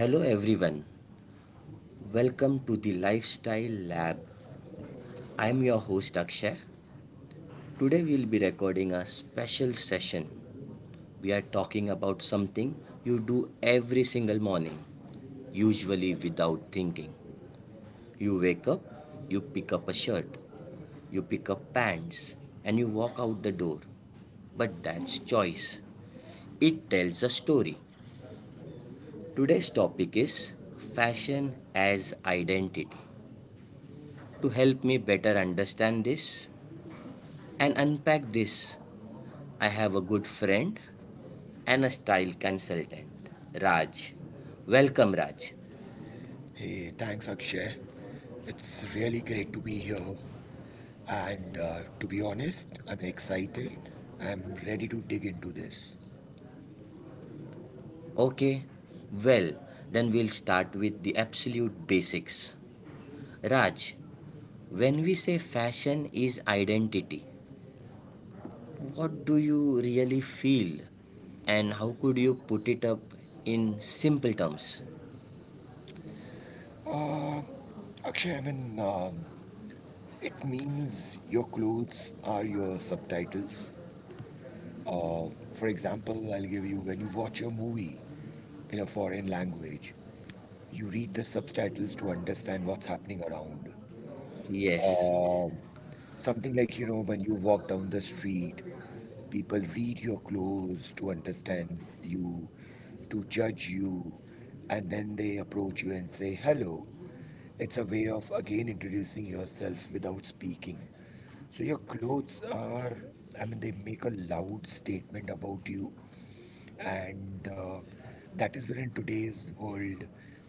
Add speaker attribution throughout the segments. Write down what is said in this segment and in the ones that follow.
Speaker 1: Hello everyone. Welcome to the Lifestyle Lab. I'm your host Akshay. Today we'll be recording a special session. We are talking about something you do every single morning, usually without thinking. You wake up, you pick up a shirt, you pick up pants, and you walk out the door. But that's choice. It tells a story. Today's topic is fashion as identity. To help me better understand this, and unpack this. I have a good friend and a style consultant, Raj. Welcome, Raj.
Speaker 2: Hey, thanks, Akshay. It's really great to be here. And To be honest, I'm excited. I'm ready to dig into this.
Speaker 1: Okay, well, then we'll start with the absolute basics. Raj, when we say fashion is identity, what do you really feel? And how could you put it up in simple terms?
Speaker 2: Akshay, it means your clothes are your subtitles. For example, I'll give you when you watch a movie in a foreign language, you read the subtitles to understand what's happening around.
Speaker 1: Yes,
Speaker 2: Um, Something like, when you walk down the street, people read your clothes to understand you, to judge you, and then they approach you and say hello. It's a way of again introducing yourself without speaking. So your clothes are, I mean, they make a loud statement about you, and that is where in today's world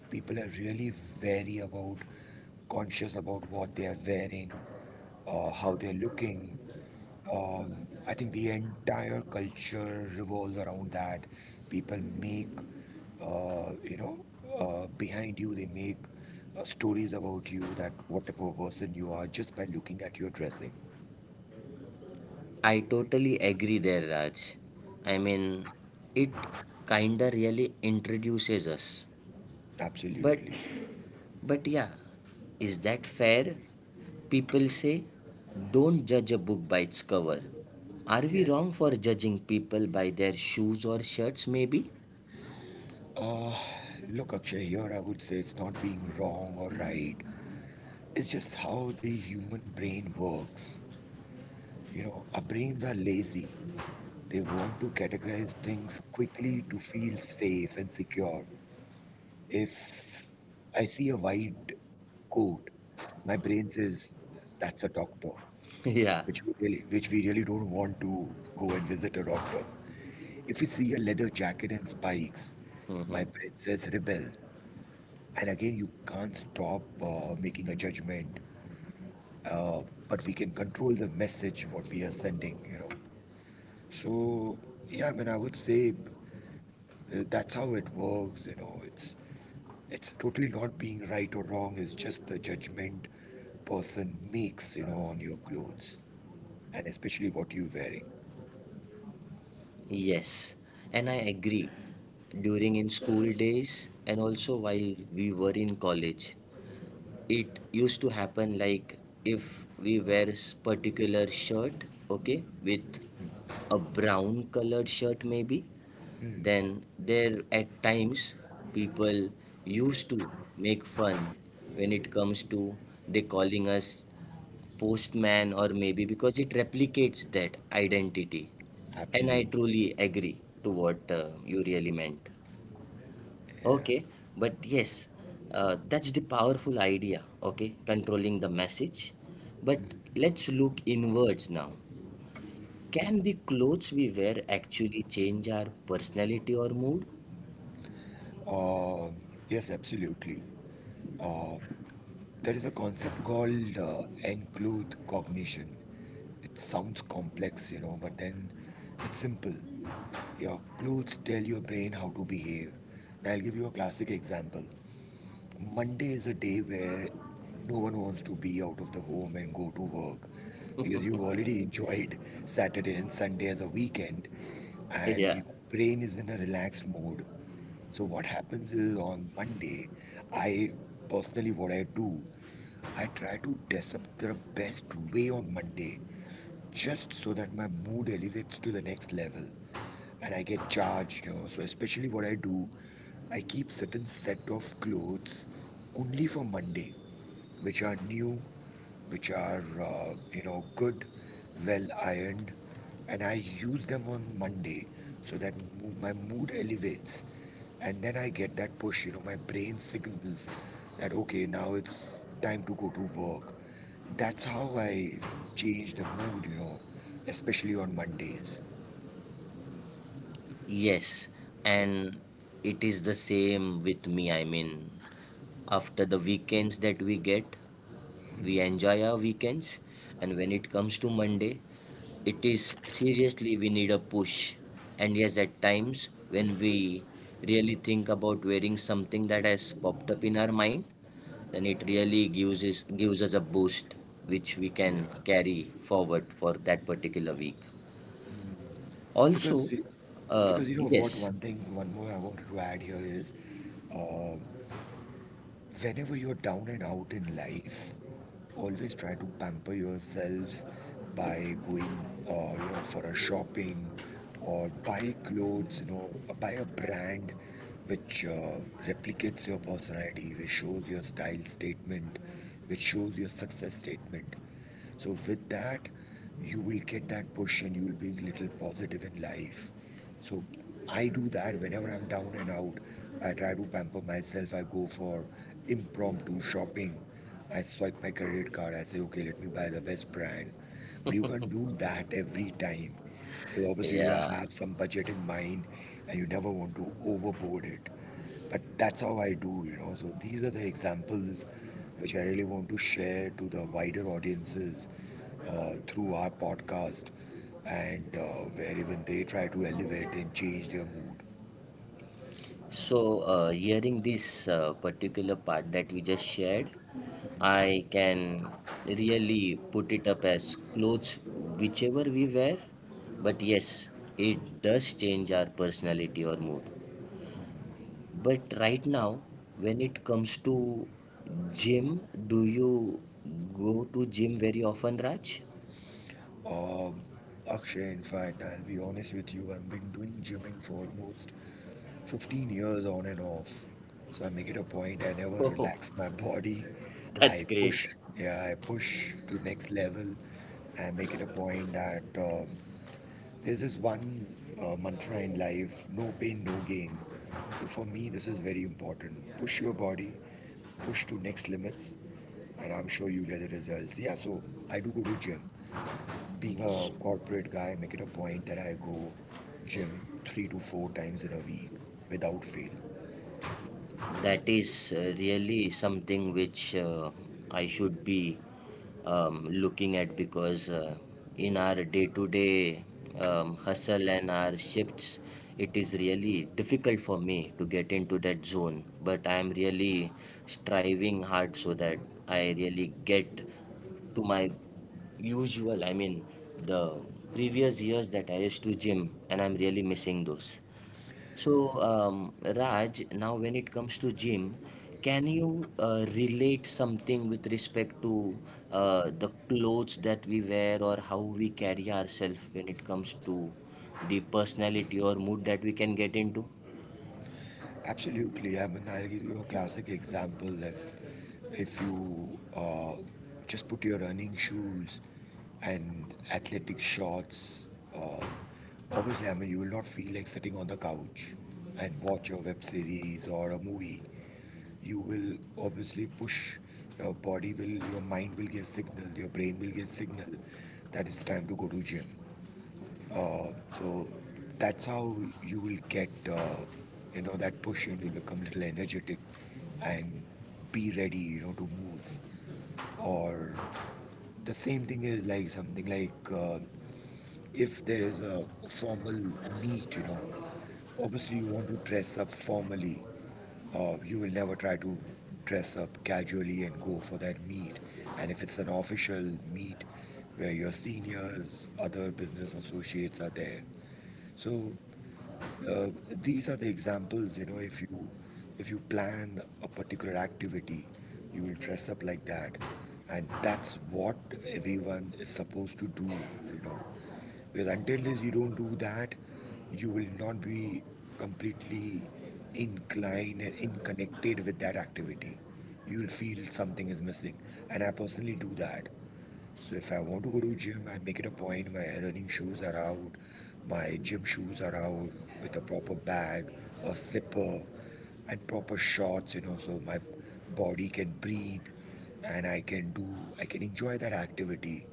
Speaker 2: people are really very about conscious about what they are wearing, how they're looking. um, I think the entire culture revolves around that. People make, uh, you know behind you they make stories about you, that what type of person you are just by looking at your dressing.
Speaker 1: I totally agree there, Raj. I mean, it kinda really introduces us. But,
Speaker 2: Absolutely.
Speaker 1: but yeah, is that fair? People say, don't judge a book by its cover. Are we
Speaker 2: Yes.
Speaker 1: wrong for judging people by their shoes or shirts, maybe?
Speaker 2: Look, Akshay, here I would say it's not being wrong or right. It's just how the human brain works. You know, our brains are lazy. They want to categorize things quickly to feel safe and secure. If I see a white coat, my brain says that's a doctor,
Speaker 1: Yeah,
Speaker 2: which we really don't want to go and visit a doctor. If we see a leather jacket and spikes, my brain says rebel. And again, you can't stop making a judgment, uh, but we can control the message what we are sending, you know. So, yeah, I mean, I would say that's how it works, you know. It's totally not being right or wrong. It's just the judgment person makes, you know, on your clothes, and especially what you're wearing.
Speaker 1: yes, and I agree. During in school days, and also while we were in college, it used to happen like if we wear particular shirt, okay, with a brown colored shirt maybe, then there at times people used to make fun when it comes to they calling us postman or maybe because it replicates that identity. And I
Speaker 2: Absolutely.
Speaker 1: truly agree to what you really meant.
Speaker 2: Yeah.
Speaker 1: Okay, but yes, that's the powerful idea, okay, controlling the message. But let's look inwards now. Can the clothes we wear actually change our personality or mood?
Speaker 2: Um yes, absolutely. uh, there is a concept called enclude cognition. It sounds complex, you know, but then it's simple. Your clues tell your brain how to behave. And I'll give you a classic example. Monday is a day where no one wants to be out of the home and go to work because you've already enjoyed Saturday and Sunday as a weekend and
Speaker 1: Yeah.
Speaker 2: your brain is in a relaxed mode. So, what happens is on Monday, I personally, what I do, I try to dress up the best way on Monday just so that my mood elevates to the next level and I get charged, you know. So, especially what I do, I keep certain set of clothes only for Monday, which are new, which are, good, well ironed, and I use them on Monday so that my mood elevates. And then I get that push, you know, my brain signals that, okay, now it's time to go to work. That's how I change the mood, you know, especially on Mondays.
Speaker 1: Yes, and it is the same with me. I mean, after the weekends that we get, we enjoy our weekends, and when it comes to Monday, it is seriously we need a push. And yes, at times when we really think about wearing something that has popped up in our mind, then it really gives us a boost which we
Speaker 2: Yeah.
Speaker 1: can carry forward for that particular week
Speaker 2: Because,
Speaker 1: also.
Speaker 2: y- because you know what,
Speaker 1: Yes.
Speaker 2: one thing, one more I wanted to add here is, uh, whenever you're down and out in life, always try to pamper yourself by going, for a shopping or buy clothes, you know, buy a brand which replicates your personality, which shows your style statement, which shows your success statement. So with that, you will get that push and you will be a little positive in life. So I do that whenever I'm down and out. I try to pamper myself. I go for impromptu shopping. I swipe my credit card. I say, okay, let me buy the best brand. But you can't do that every time. Because obviously, you
Speaker 1: Yeah.
Speaker 2: have some budget in mind and you never want to overboard it. But that's how I do, you know. So these are the examples which I really want to share to the wider audiences through our podcast, and where even they try to elevate and change their mood.
Speaker 1: So, hearing this particular part that you just shared, I can really put it up as clothes, whichever we wear. But yes, it does change our personality or mood. But right now, when it comes to gym, do you go to gym very often, Raj?
Speaker 2: Um, Akshay, in fact, I'll be honest with you, I've been doing gymming for almost 15 years on and off. So I make it a point, I never
Speaker 1: Oh,
Speaker 2: relax my body.
Speaker 1: that's
Speaker 2: I
Speaker 1: great.
Speaker 2: push, yeah, I push to next level. I make it a point that there's this one mantra in life, no pain, no gain. So for me, this is very important. Push your body, push to next limits, and I'm sure you'll get the results. Yeah, so I do go to gym. Being a corporate guy, I make it a point that I go gym three to four times in a week without fail.
Speaker 1: That is really something which I should be looking at, because in our day to day hustle and our shifts, it is really difficult for me to get into that zone. But I am really striving hard so that I really get to my usual, I mean, the previous years that I used to gym, and I'm really missing those. So, Raj, now when it comes to gym, can you relate something with respect to the clothes that we wear or how we carry ourselves when it comes to the personality or mood that we can get into?
Speaker 2: Absolutely. I mean, I'll give you a classic example. If you just put your running shoes and athletic shorts, uh, obviously, I mean, you will not feel like sitting on the couch and watch a web series or a movie. You will obviously push. Your mind will get signal, your brain will get signal that it's time to go to gym. So that's how you will get, that push and you become little energetic and be ready, you know, to move. Or the same thing is like something like if there is a formal meet, you know, obviously you want to dress up formally. You will never try to dress up casually and go for that meet. And if it's an official meet where your seniors, other business associates are there, so uh, these are the examples, you know, if you plan a particular activity, you will dress up like that, and that's what everyone is supposed to do, you know, because until this you don't do that, you will not be completely inclined and inconnected with that activity. You'll feel something is missing, and I personally do that. So if I want to go to gym, I make it a point. My running shoes are out, my gym shoes are out with a proper bag, a zipper, and proper shorts. You know, so my body can breathe, and I can enjoy that activity,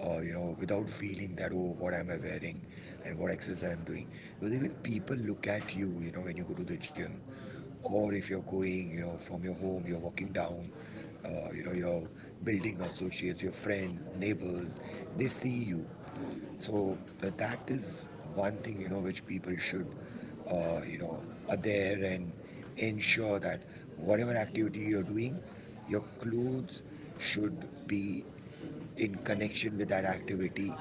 Speaker 2: or you know, without feeling that oh what am I wearing and what exercise I'm doing, because even people look at you, you know, when you go to the gym, or if you're going, you know, from your home you're walking down, your building associates, your friends, neighbors, they see you. So that is one thing, you know, which people should uh, you know adhere and ensure that whatever activity you're doing, your clothes should be in connection with that activity.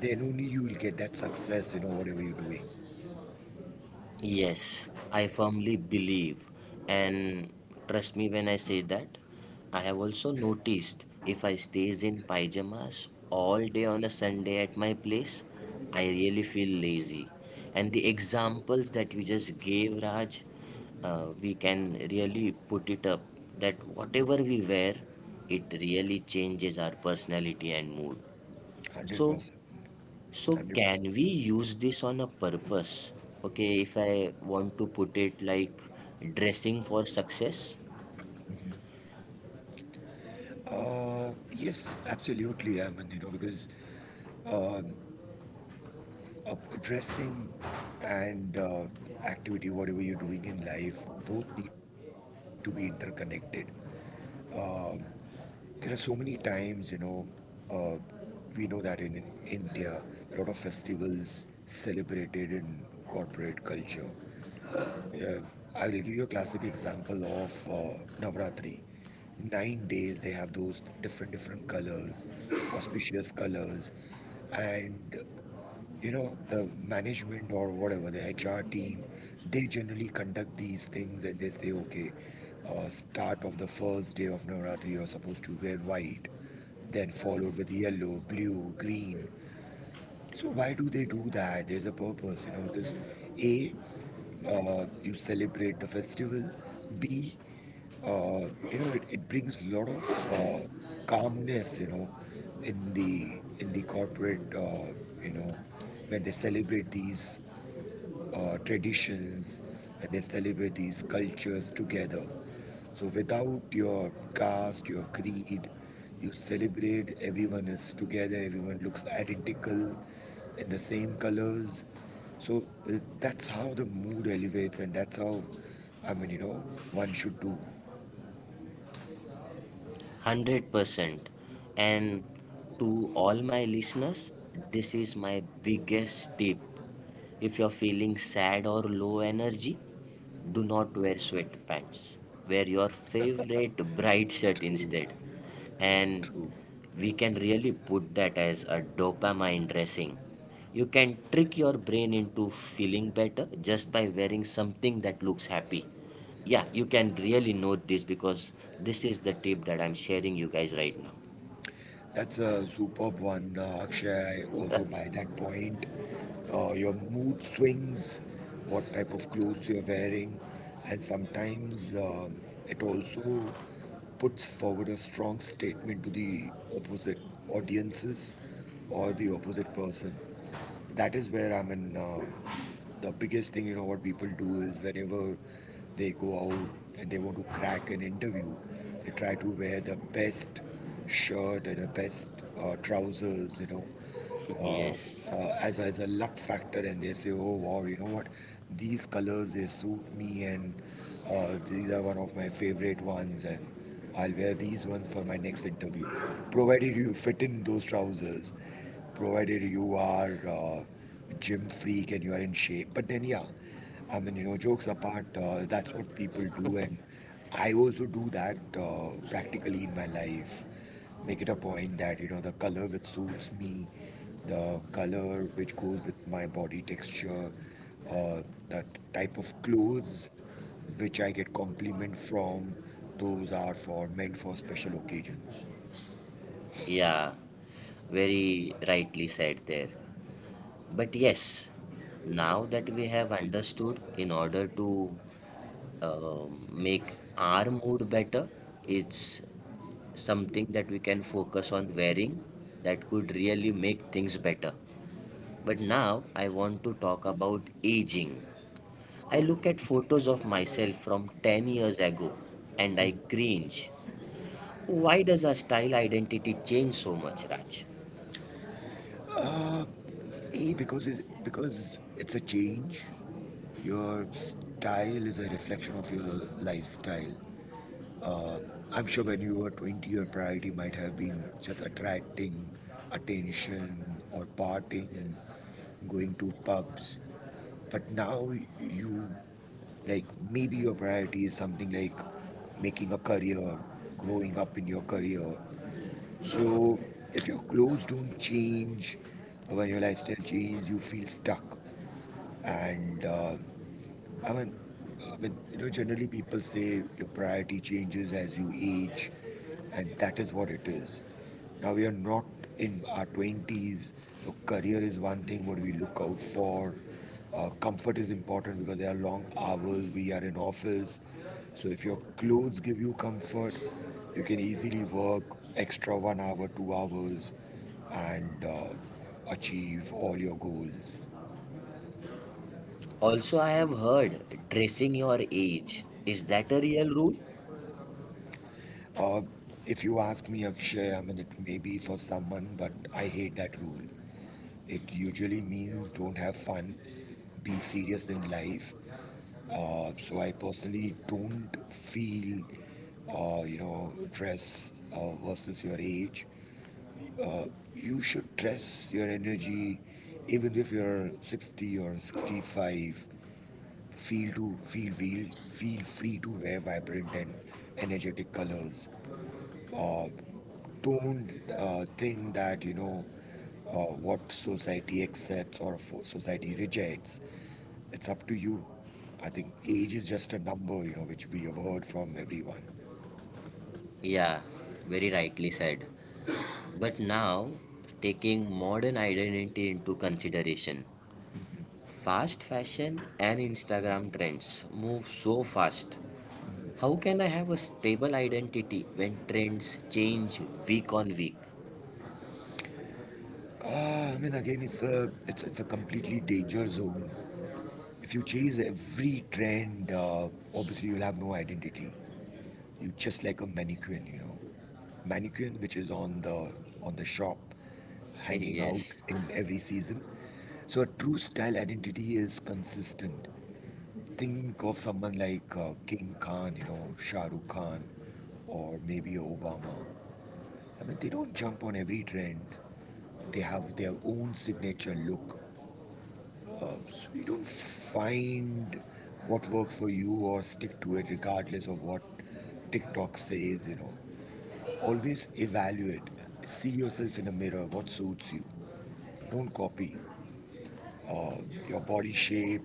Speaker 2: Then only you will get that success. You know, whatever you're doing,
Speaker 1: Yes, I firmly believe, and trust me when I say that. I have also noticed if I stays in pajamas all day on a Sunday at my place, I really feel lazy. And the examples that you just gave, Raj, we can really put it up that whatever we wear, it really changes our personality and mood.
Speaker 2: one hundred
Speaker 1: So
Speaker 2: percent, one hundred
Speaker 1: can
Speaker 2: percent.
Speaker 1: we use this on a purpose? Okay, if I want to put it like dressing for success,
Speaker 2: Yes, absolutely. I mean, you know, because um uh, dressing and activity, whatever you're doing in life, both need to be interconnected. Um there are so many times, you know, uh, we know that in India, a lot of festivals celebrated in corporate culture. Uh, I will give you a classic example of Navratri. 9 days they have those different different colors, auspicious colors, and you know the management or whatever the HR team, they generally conduct these things and they say okay, start of the first day of Navratri you're supposed to wear white, then followed with yellow, blue, green. So why do they do that? There's a purpose, you know. Because A, you celebrate the festival. B, you know, it brings a lot of calmness, you know, in the corporate, you know, when they celebrate these traditions and they celebrate these cultures together. So without your caste, your creed, you celebrate, everyone is together, everyone looks identical in the same colors. So that's how the mood elevates, and that's how, I mean, you know, one should do.
Speaker 1: 100%. And to all my listeners, this is my biggest tip. If you're feeling sad or low energy, do not wear sweatpants. Wear your favorite bright
Speaker 2: True,
Speaker 1: shirt instead.
Speaker 2: true.
Speaker 1: And we can really put that as a dopamine dressing. You can trick your brain into feeling better just by wearing something that looks happy. Yeah, you can really note this, because this is the tip that I'm sharing you guys right now.
Speaker 2: That's a superb one, Akshay. I also by that point, your mood swings, what type of clothes you're wearing, and sometimes it also puts forward a strong statement to the opposite audiences or the opposite person. That is where I mean, the biggest thing, you know, what people do is whenever they go out and they want to crack an interview, they try to wear the best shirt and the best trousers, you know,
Speaker 1: Yes.
Speaker 2: as a luck factor, and they say, oh wow, you know what, these colors they suit me, and these are one of my favorite ones, and I'll wear these ones for my next interview, provided you fit in those trousers, provided you are gym freak and you are in shape. But then, yeah, I mean, you know, jokes apart, that's what people do, and I also do that practically in my life. Make it a point that you know the color which suits me, the color which goes with my body texture, uh, the type of clothes which I get compliment from. Those are for meant for special occasions.
Speaker 1: Yeah. Very rightly said there. But yes, now that we have understood in order to make our mood better, it's something that we can focus on wearing that could really make things better. But now I want to talk about aging. I look at photos of myself from 10 years ago and I cringe. Why does our style identity change so much, Raj?
Speaker 2: Uh, because it's a change. Your style is a reflection of your lifestyle. Uh, I'm sure when you were 20, your priority might have been just attracting attention or partying, going to pubs. But now you, like, maybe your priority is something like making a career, growing up in your career, so if your clothes don't change, when your lifestyle changes, you feel stuck. And I mean, you know, generally people say your priority changes as you age, and that is what it is. Now we are not in our 20s, so career is one thing what we look out for. Comfort is important because there are long hours, we are in office. So if your clothes give you comfort, you can easily work extra one hour, 2 hours, and achieve all your goals.
Speaker 1: Also, I have heard dressing your age. Is that a real rule?
Speaker 2: Or if you ask me, Akshay, I mean, it may be for someone, but I hate that rule. It usually means don't have fun, be serious in life. So I personally don't feel, you know, dress versus your age. Uh, you should dress your energy, even if you're 60 or 65. Feel free to wear vibrant and energetic colors, uh, don't think that you know what society accepts or society rejects. It's up to you. I think age is just a number, you know, which we have heard from everyone.
Speaker 1: Yeah, very rightly said. But now, taking modern identity into consideration, fast fashion and Instagram trends move so fast. How can I have a stable identity when trends change week on week?
Speaker 2: Again, it's a it's it's a completely danger zone. If you chase every trend, obviously you'll have no identity. It's just like a mannequin, you know, mannequin which is on the shop, hanging out
Speaker 1: Yes.
Speaker 2: in every season. So a true style identity is consistent. Think of someone like King Khan, you know, Shah Rukh Khan, or maybe Obama. I mean, they don't jump on every trend. They have their own signature look. So you don't find what works for you or stick to it regardless of what TikTok says, you know. Always evaluate. See yourself in a mirror. What suits you? Don't copy. Uh, your body shape,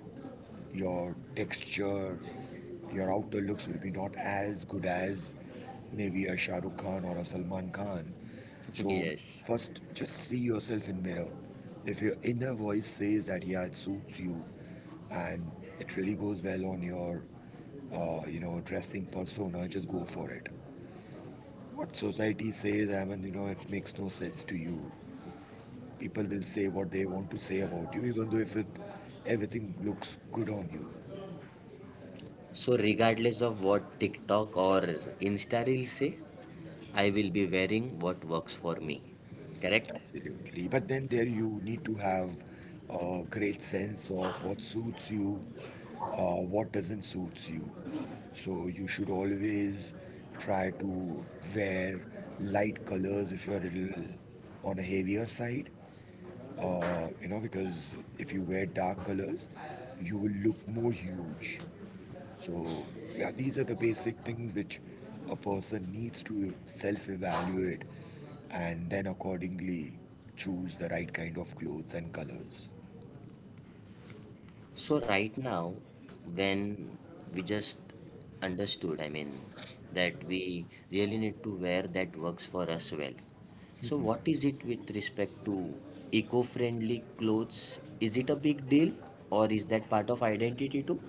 Speaker 2: your texture, your outer looks will be not as good as maybe a Shah Rukh Khan or a Salman Khan. So
Speaker 1: Yes.
Speaker 2: first, just see yourself in mirror. If your inner voice says that yeah, it suits you, and it really goes well on your, you know, dressing persona, just go for it what society says, I mean, you know, it makes no sense to you. People will say what they want to say about you, even though if it everything looks good on you.
Speaker 1: So, regardless of what TikTok or Insta Reels say, I will be wearing what works for me. Correct?
Speaker 2: Absolutely. But then there you need to have a great sense of what suits you, what doesn't suit you. So you should always try to wear light colors if you're a little on a heavier side, you know, because if you wear dark colors, you will look more huge. So, yeah, these are the basic things which a person needs to self evaluate and then accordingly choose the right kind of clothes and colors.
Speaker 1: So right now, when we just understood, I mean, that we really need to wear that works for us well. So what is it with respect to eco-friendly clothes? Is it a big deal or is that part of identity too?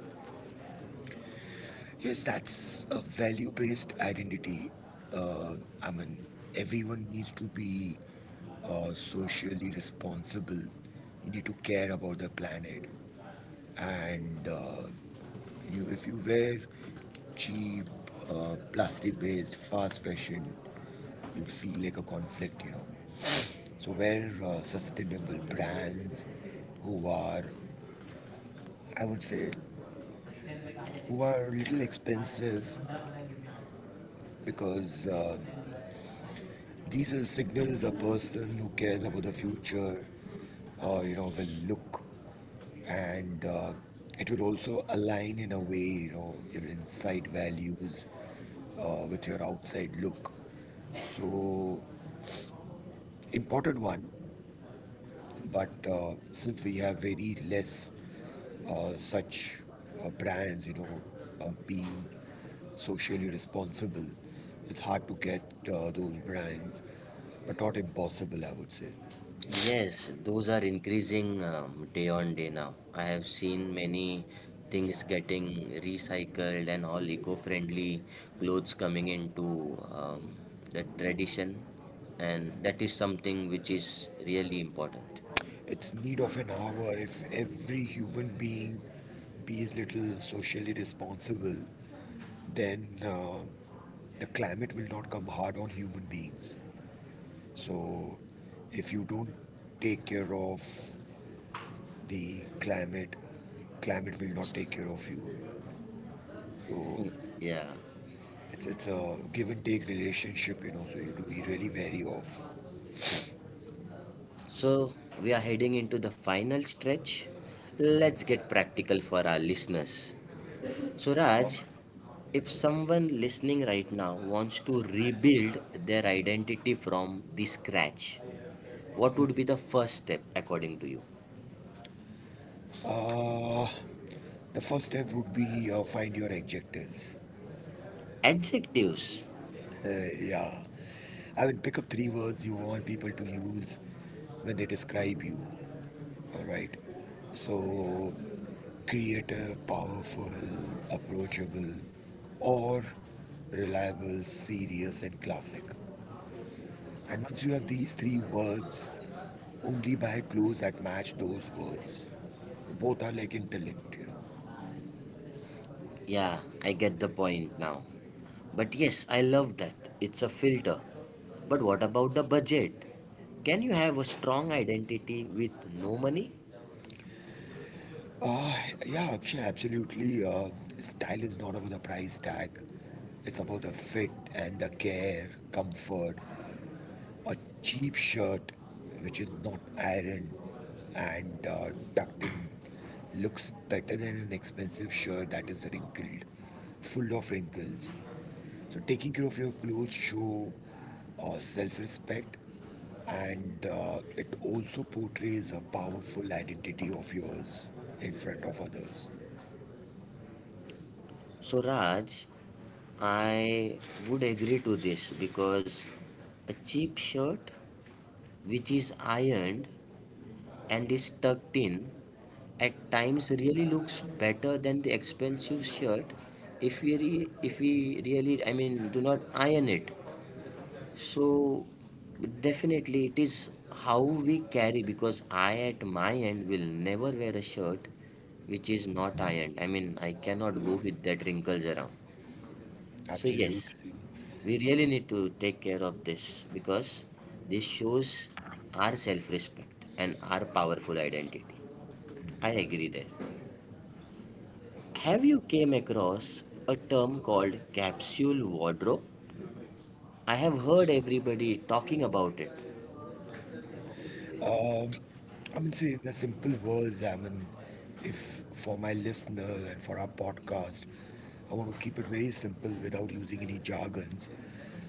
Speaker 2: Yes, that's a value based identity. Uh, I mean, Everyone needs to be socially responsible. You need to care about the planet and you, if you wear cheap, plastic-based, fast fashion, you feel like a conflict, you know. So wear sustainable brands who are, I would say, who are a little expensive because these are signals a person who cares about the future, you know, will look and it will also align in a way, you know, your inside values with your outside look. So important one, but since we have very less such brands, you know, being socially responsible, it's hard to get those brands, but not impossible, I would say.
Speaker 1: Yes, those are increasing day on day now. I have seen many things getting recycled and all eco-friendly clothes coming into the tradition, and that is
Speaker 2: It's
Speaker 1: something which is really important.
Speaker 2: it's need of an hour if every human being be bees little socially responsible, then the climate will not come hard on human beings. So, if you don't take care of the climate, climate will not take care of you. So,
Speaker 1: Y- Yeah.
Speaker 2: it's a give and take relationship, you know. So you have to be really wary of.
Speaker 1: So we are heading into the final stretch. Let's get practical for our listeners. So, Raj, if someone listening right now wants to rebuild their identity from the scratch, what would be the first step according to you?
Speaker 2: Uh, the first step would be find your adjectives.
Speaker 1: Adjectives.
Speaker 2: Yeah, I mean pick up three words you want people to use when they describe you. All right. So create a powerful, approachable, or reliable, serious, and classic. And once you have these three words, only buy clothes that match those words. Both are like interlinked, you know.
Speaker 1: Yeah, I get the point now. But yes, I love that. It's a filter. But what about the budget? Can you have a strong identity with no money?
Speaker 2: Uh, yeah, Akshay, absolutely. Style is not about the price tag, it's about the fit and the care, comfort, a cheap shirt which is not ironed and tucked in looks better than an expensive shirt that is wrinkled, full of wrinkles. So, taking care of your clothes show self-respect, and it also portrays a powerful identity of yours in front of others.
Speaker 1: So, Raj, I would agree to this because a cheap shirt which is ironed and is tucked in, at times really looks better than the expensive shirt if if we really I mean do not iron it. So definitely it is how we carry, because I at my end will never wear a shirt which is not ironed. I mean I cannot go with that wrinkles around. So yes,
Speaker 2: Absolutely.
Speaker 1: we really need to take care of this because this shows our self-respect and our powerful identity. I agree there. Have you came across a term called capsule wardrobe? I have heard everybody talking about it.
Speaker 2: Um, See, in a simple words, I mean, if for my listeners and for our podcast, I want to keep it very simple without using any jargons.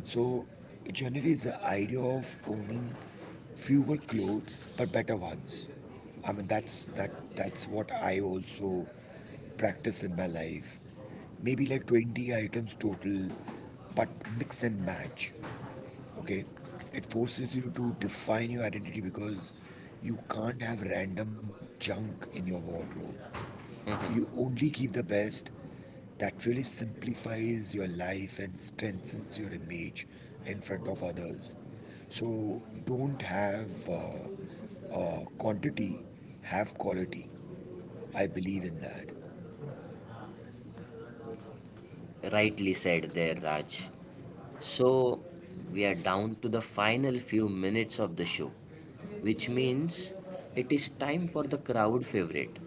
Speaker 2: So, generally, it's the idea of owning fewer clothes but better ones. I mean, that's what I also practice in my life. Maybe like 20 items total, but mix and match. Okay, it forces you to define your identity because you can't have random junk in your wardrobe. You only keep the best. That really simplifies your life and strengthens your image in front of others. So don't have quantity, have quality. I believe in that.
Speaker 1: Rightly said there, Raj. So we are down to the final few minutes of the show, which means it is time for the crowd favorite,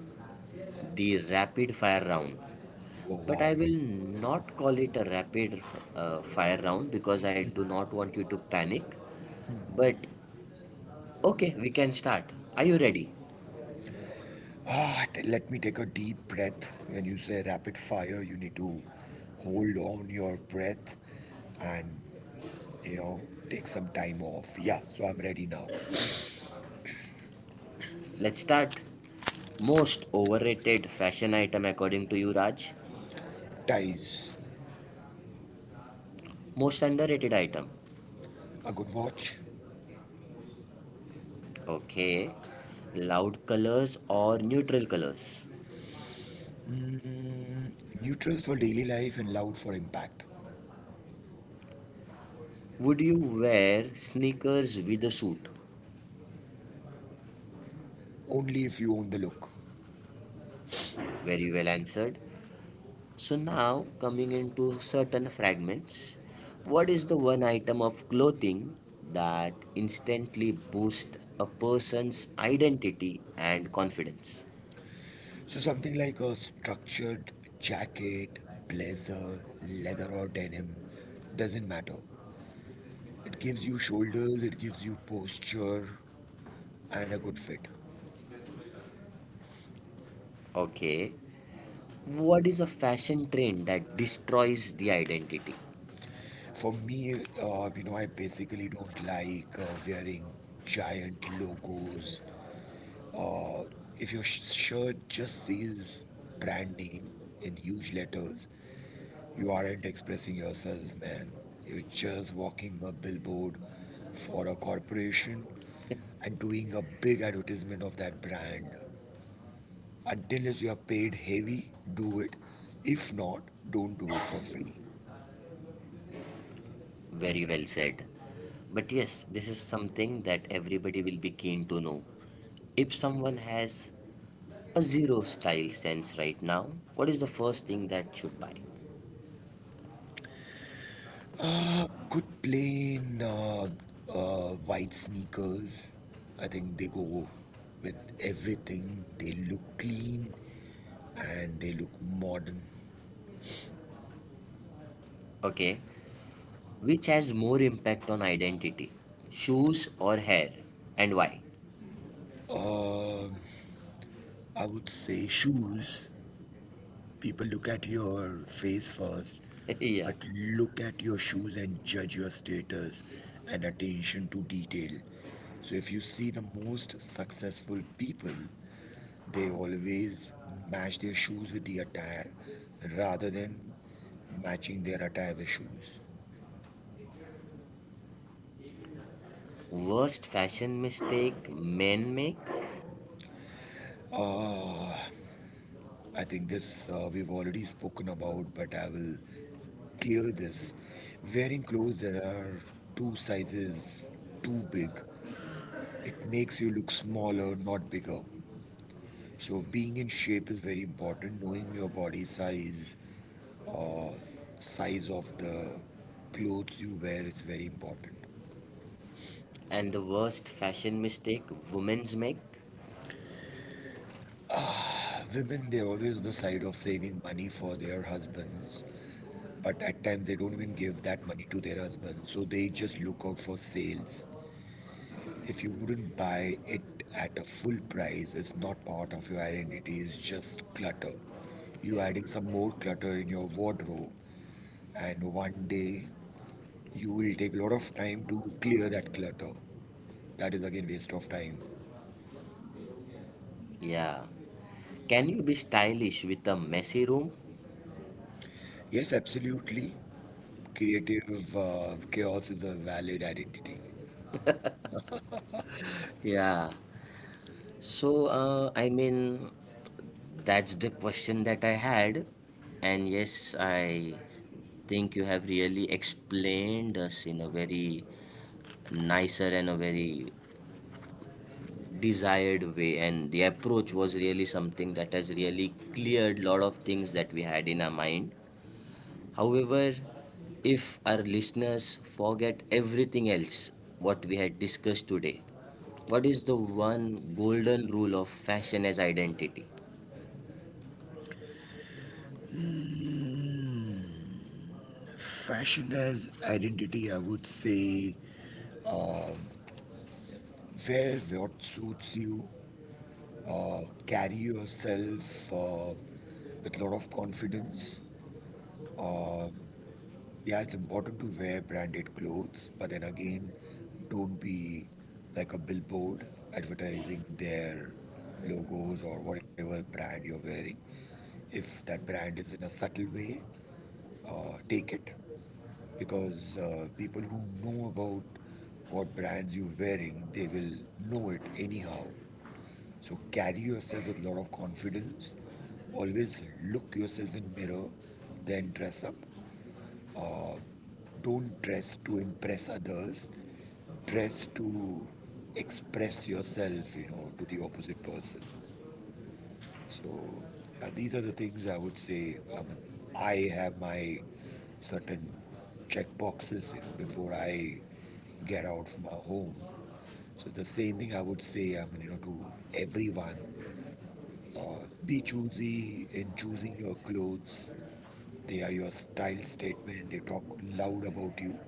Speaker 1: the rapid fire round.
Speaker 2: Oh
Speaker 1: But I
Speaker 2: wow.
Speaker 1: will not call it a rapid fire round because I do not want you to panic. But okay, we can start. Are you ready?
Speaker 2: Let me take a deep breath. When you say rapid fire, you need to hold on your breath and, you know, take some time off. Yeah, so I'm ready now.
Speaker 1: Let's start. Most overrated fashion item according to you, Raj?
Speaker 2: Ties,
Speaker 1: Most underrated item.
Speaker 2: a good watch,
Speaker 1: Okay. Loud colors or neutral colors?
Speaker 2: neutral for daily life and loud for impact.
Speaker 1: Would you wear sneakers with a suit?
Speaker 2: Only if you own the look.
Speaker 1: Very well answered. So now coming into certain fragments. What is the one item of clothing that instantly boosts a person's identity and confidence?
Speaker 2: So something like a structured jacket, blazer, leather or denim, doesn't matter. It gives you shoulders, it gives you posture and a good fit.
Speaker 1: Okay. What is a fashion trend that destroys the identity?
Speaker 2: For me, you know, I basically don't like wearing giant logos. Uh, if your shirt just says brand name in huge letters, you aren't expressing yourself, man. You're just walking a billboard for a corporation and doing a big advertisement of that brand. Until you are paid heavy, do it. If not, don't do it for free.
Speaker 1: Very well said. But yes, this is something that everybody will be keen to know. If someone has a zero style sense right now, what is the first thing that should buy?
Speaker 2: Uh, good plain white sneakers. I think they go with everything. They look clean and they look modern.
Speaker 1: Okay, which has more impact on identity? Shoes or hair? And why?
Speaker 2: Uh, I would say shoes. People look at your face first,
Speaker 1: Yeah.
Speaker 2: but look at your shoes and judge your status and attention to detail. So if you see the most successful people, they always match their shoes with the attire rather than matching their attire with shoes.
Speaker 1: Worst fashion mistake men make.
Speaker 2: Uh, I think this we've already spoken about, but I will clear this. Wearing clothes that are two sizes too big, it makes you look smaller, not bigger. So being in shape is very important. Knowing your body size, uh, size of the clothes you wear is very important.
Speaker 1: And the worst fashion mistake women's make?
Speaker 2: Women, they're always on the side of saving money for their husbands, but at times they don't even give that money to their husbands, so they just look out for sales. If you wouldn't buy it at a full price, it's not part of your identity, it's just clutter. You're adding some more clutter in your wardrobe, and one day you will take a lot of time to clear that clutter. That is again waste of time.
Speaker 1: Yeah. Can you be stylish with a messy room?
Speaker 2: Yes, absolutely. Creative chaos is a valid identity.
Speaker 1: Yeah. So, I mean, that's the question that I had. And yes, I think you have really explained us in a very nicer and a very desired way. And the approach was really something that has really cleared lot of things that we had in our mind. However, if our listeners forget everything else what we had discussed today, what is the one golden rule of fashion as identity?
Speaker 2: Fashion as identity, I would say, uh, wear what suits you, carry yourself with a lot of confidence. Uh, yeah, it's important to wear branded clothes, but then again, don't be like a billboard advertising their logos or whatever brand you're wearing. If that brand is in a subtle way, take it. Because people who know about what brands you're wearing, they will know it anyhow. So carry yourself with a lot of confidence. Always look yourself in mirror, then dress up. Uh, don't dress to impress others. Dress to express yourself, you know, to the opposite person. So yeah, these are the things I would say. I mean, I have my certain check boxes, you know, before I get out from my home. So the same thing I would say, I mean, you know, to everyone, be choosy in choosing your clothes. They are your style statement. They talk loud about you.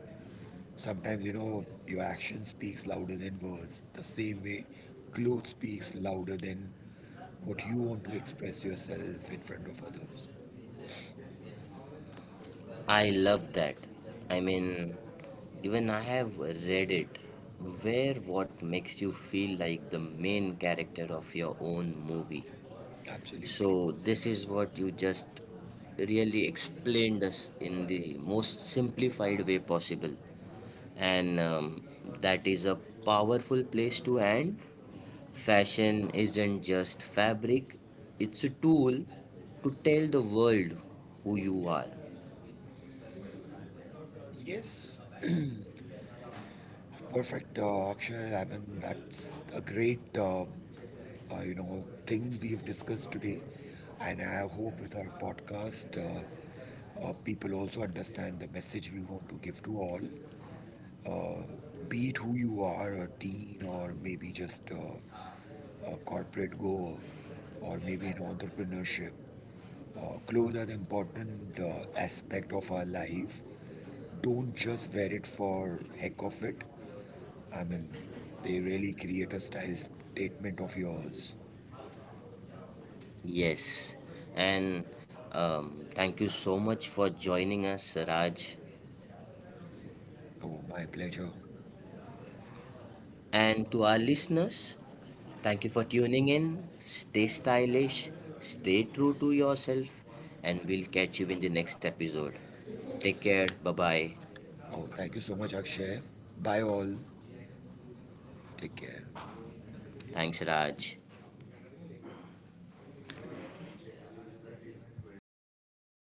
Speaker 2: Sometimes, you know, your action speaks louder than words. The same way, clothes speaks louder than what you want to express yourself in front of others.
Speaker 1: I love that. I mean, even I have read it. Wear what makes you feel like the main character of your own movie.
Speaker 2: Absolutely.
Speaker 1: So, this is what you just really explained us in the most simplified way possible. And that is a powerful place to end. Fashion isn't just fabric, it's a tool to tell the world who you are.
Speaker 2: Yes. Perfect, Akshay. I mean, that's a great, you know, things we've discussed today. And I hope with our podcast, people also understand the message we want to give to all. uh, be it who you are, a teen or maybe just a corporate goer or maybe in entrepreneurship, clothes are the important aspect of our life. Don't just wear it for heck of it. I mean, they really create a style statement of yours.
Speaker 1: Yes, and thank you so much for joining us, Raj.
Speaker 2: Oh, my pleasure.
Speaker 1: And to our listeners, thank you for tuning in. Stay stylish, stay true to yourself, and we'll catch you in the next episode. Take care. Bye bye.
Speaker 2: Oh, thank you so much, Akshay. Bye all. Take care.
Speaker 1: Thanks, Raj.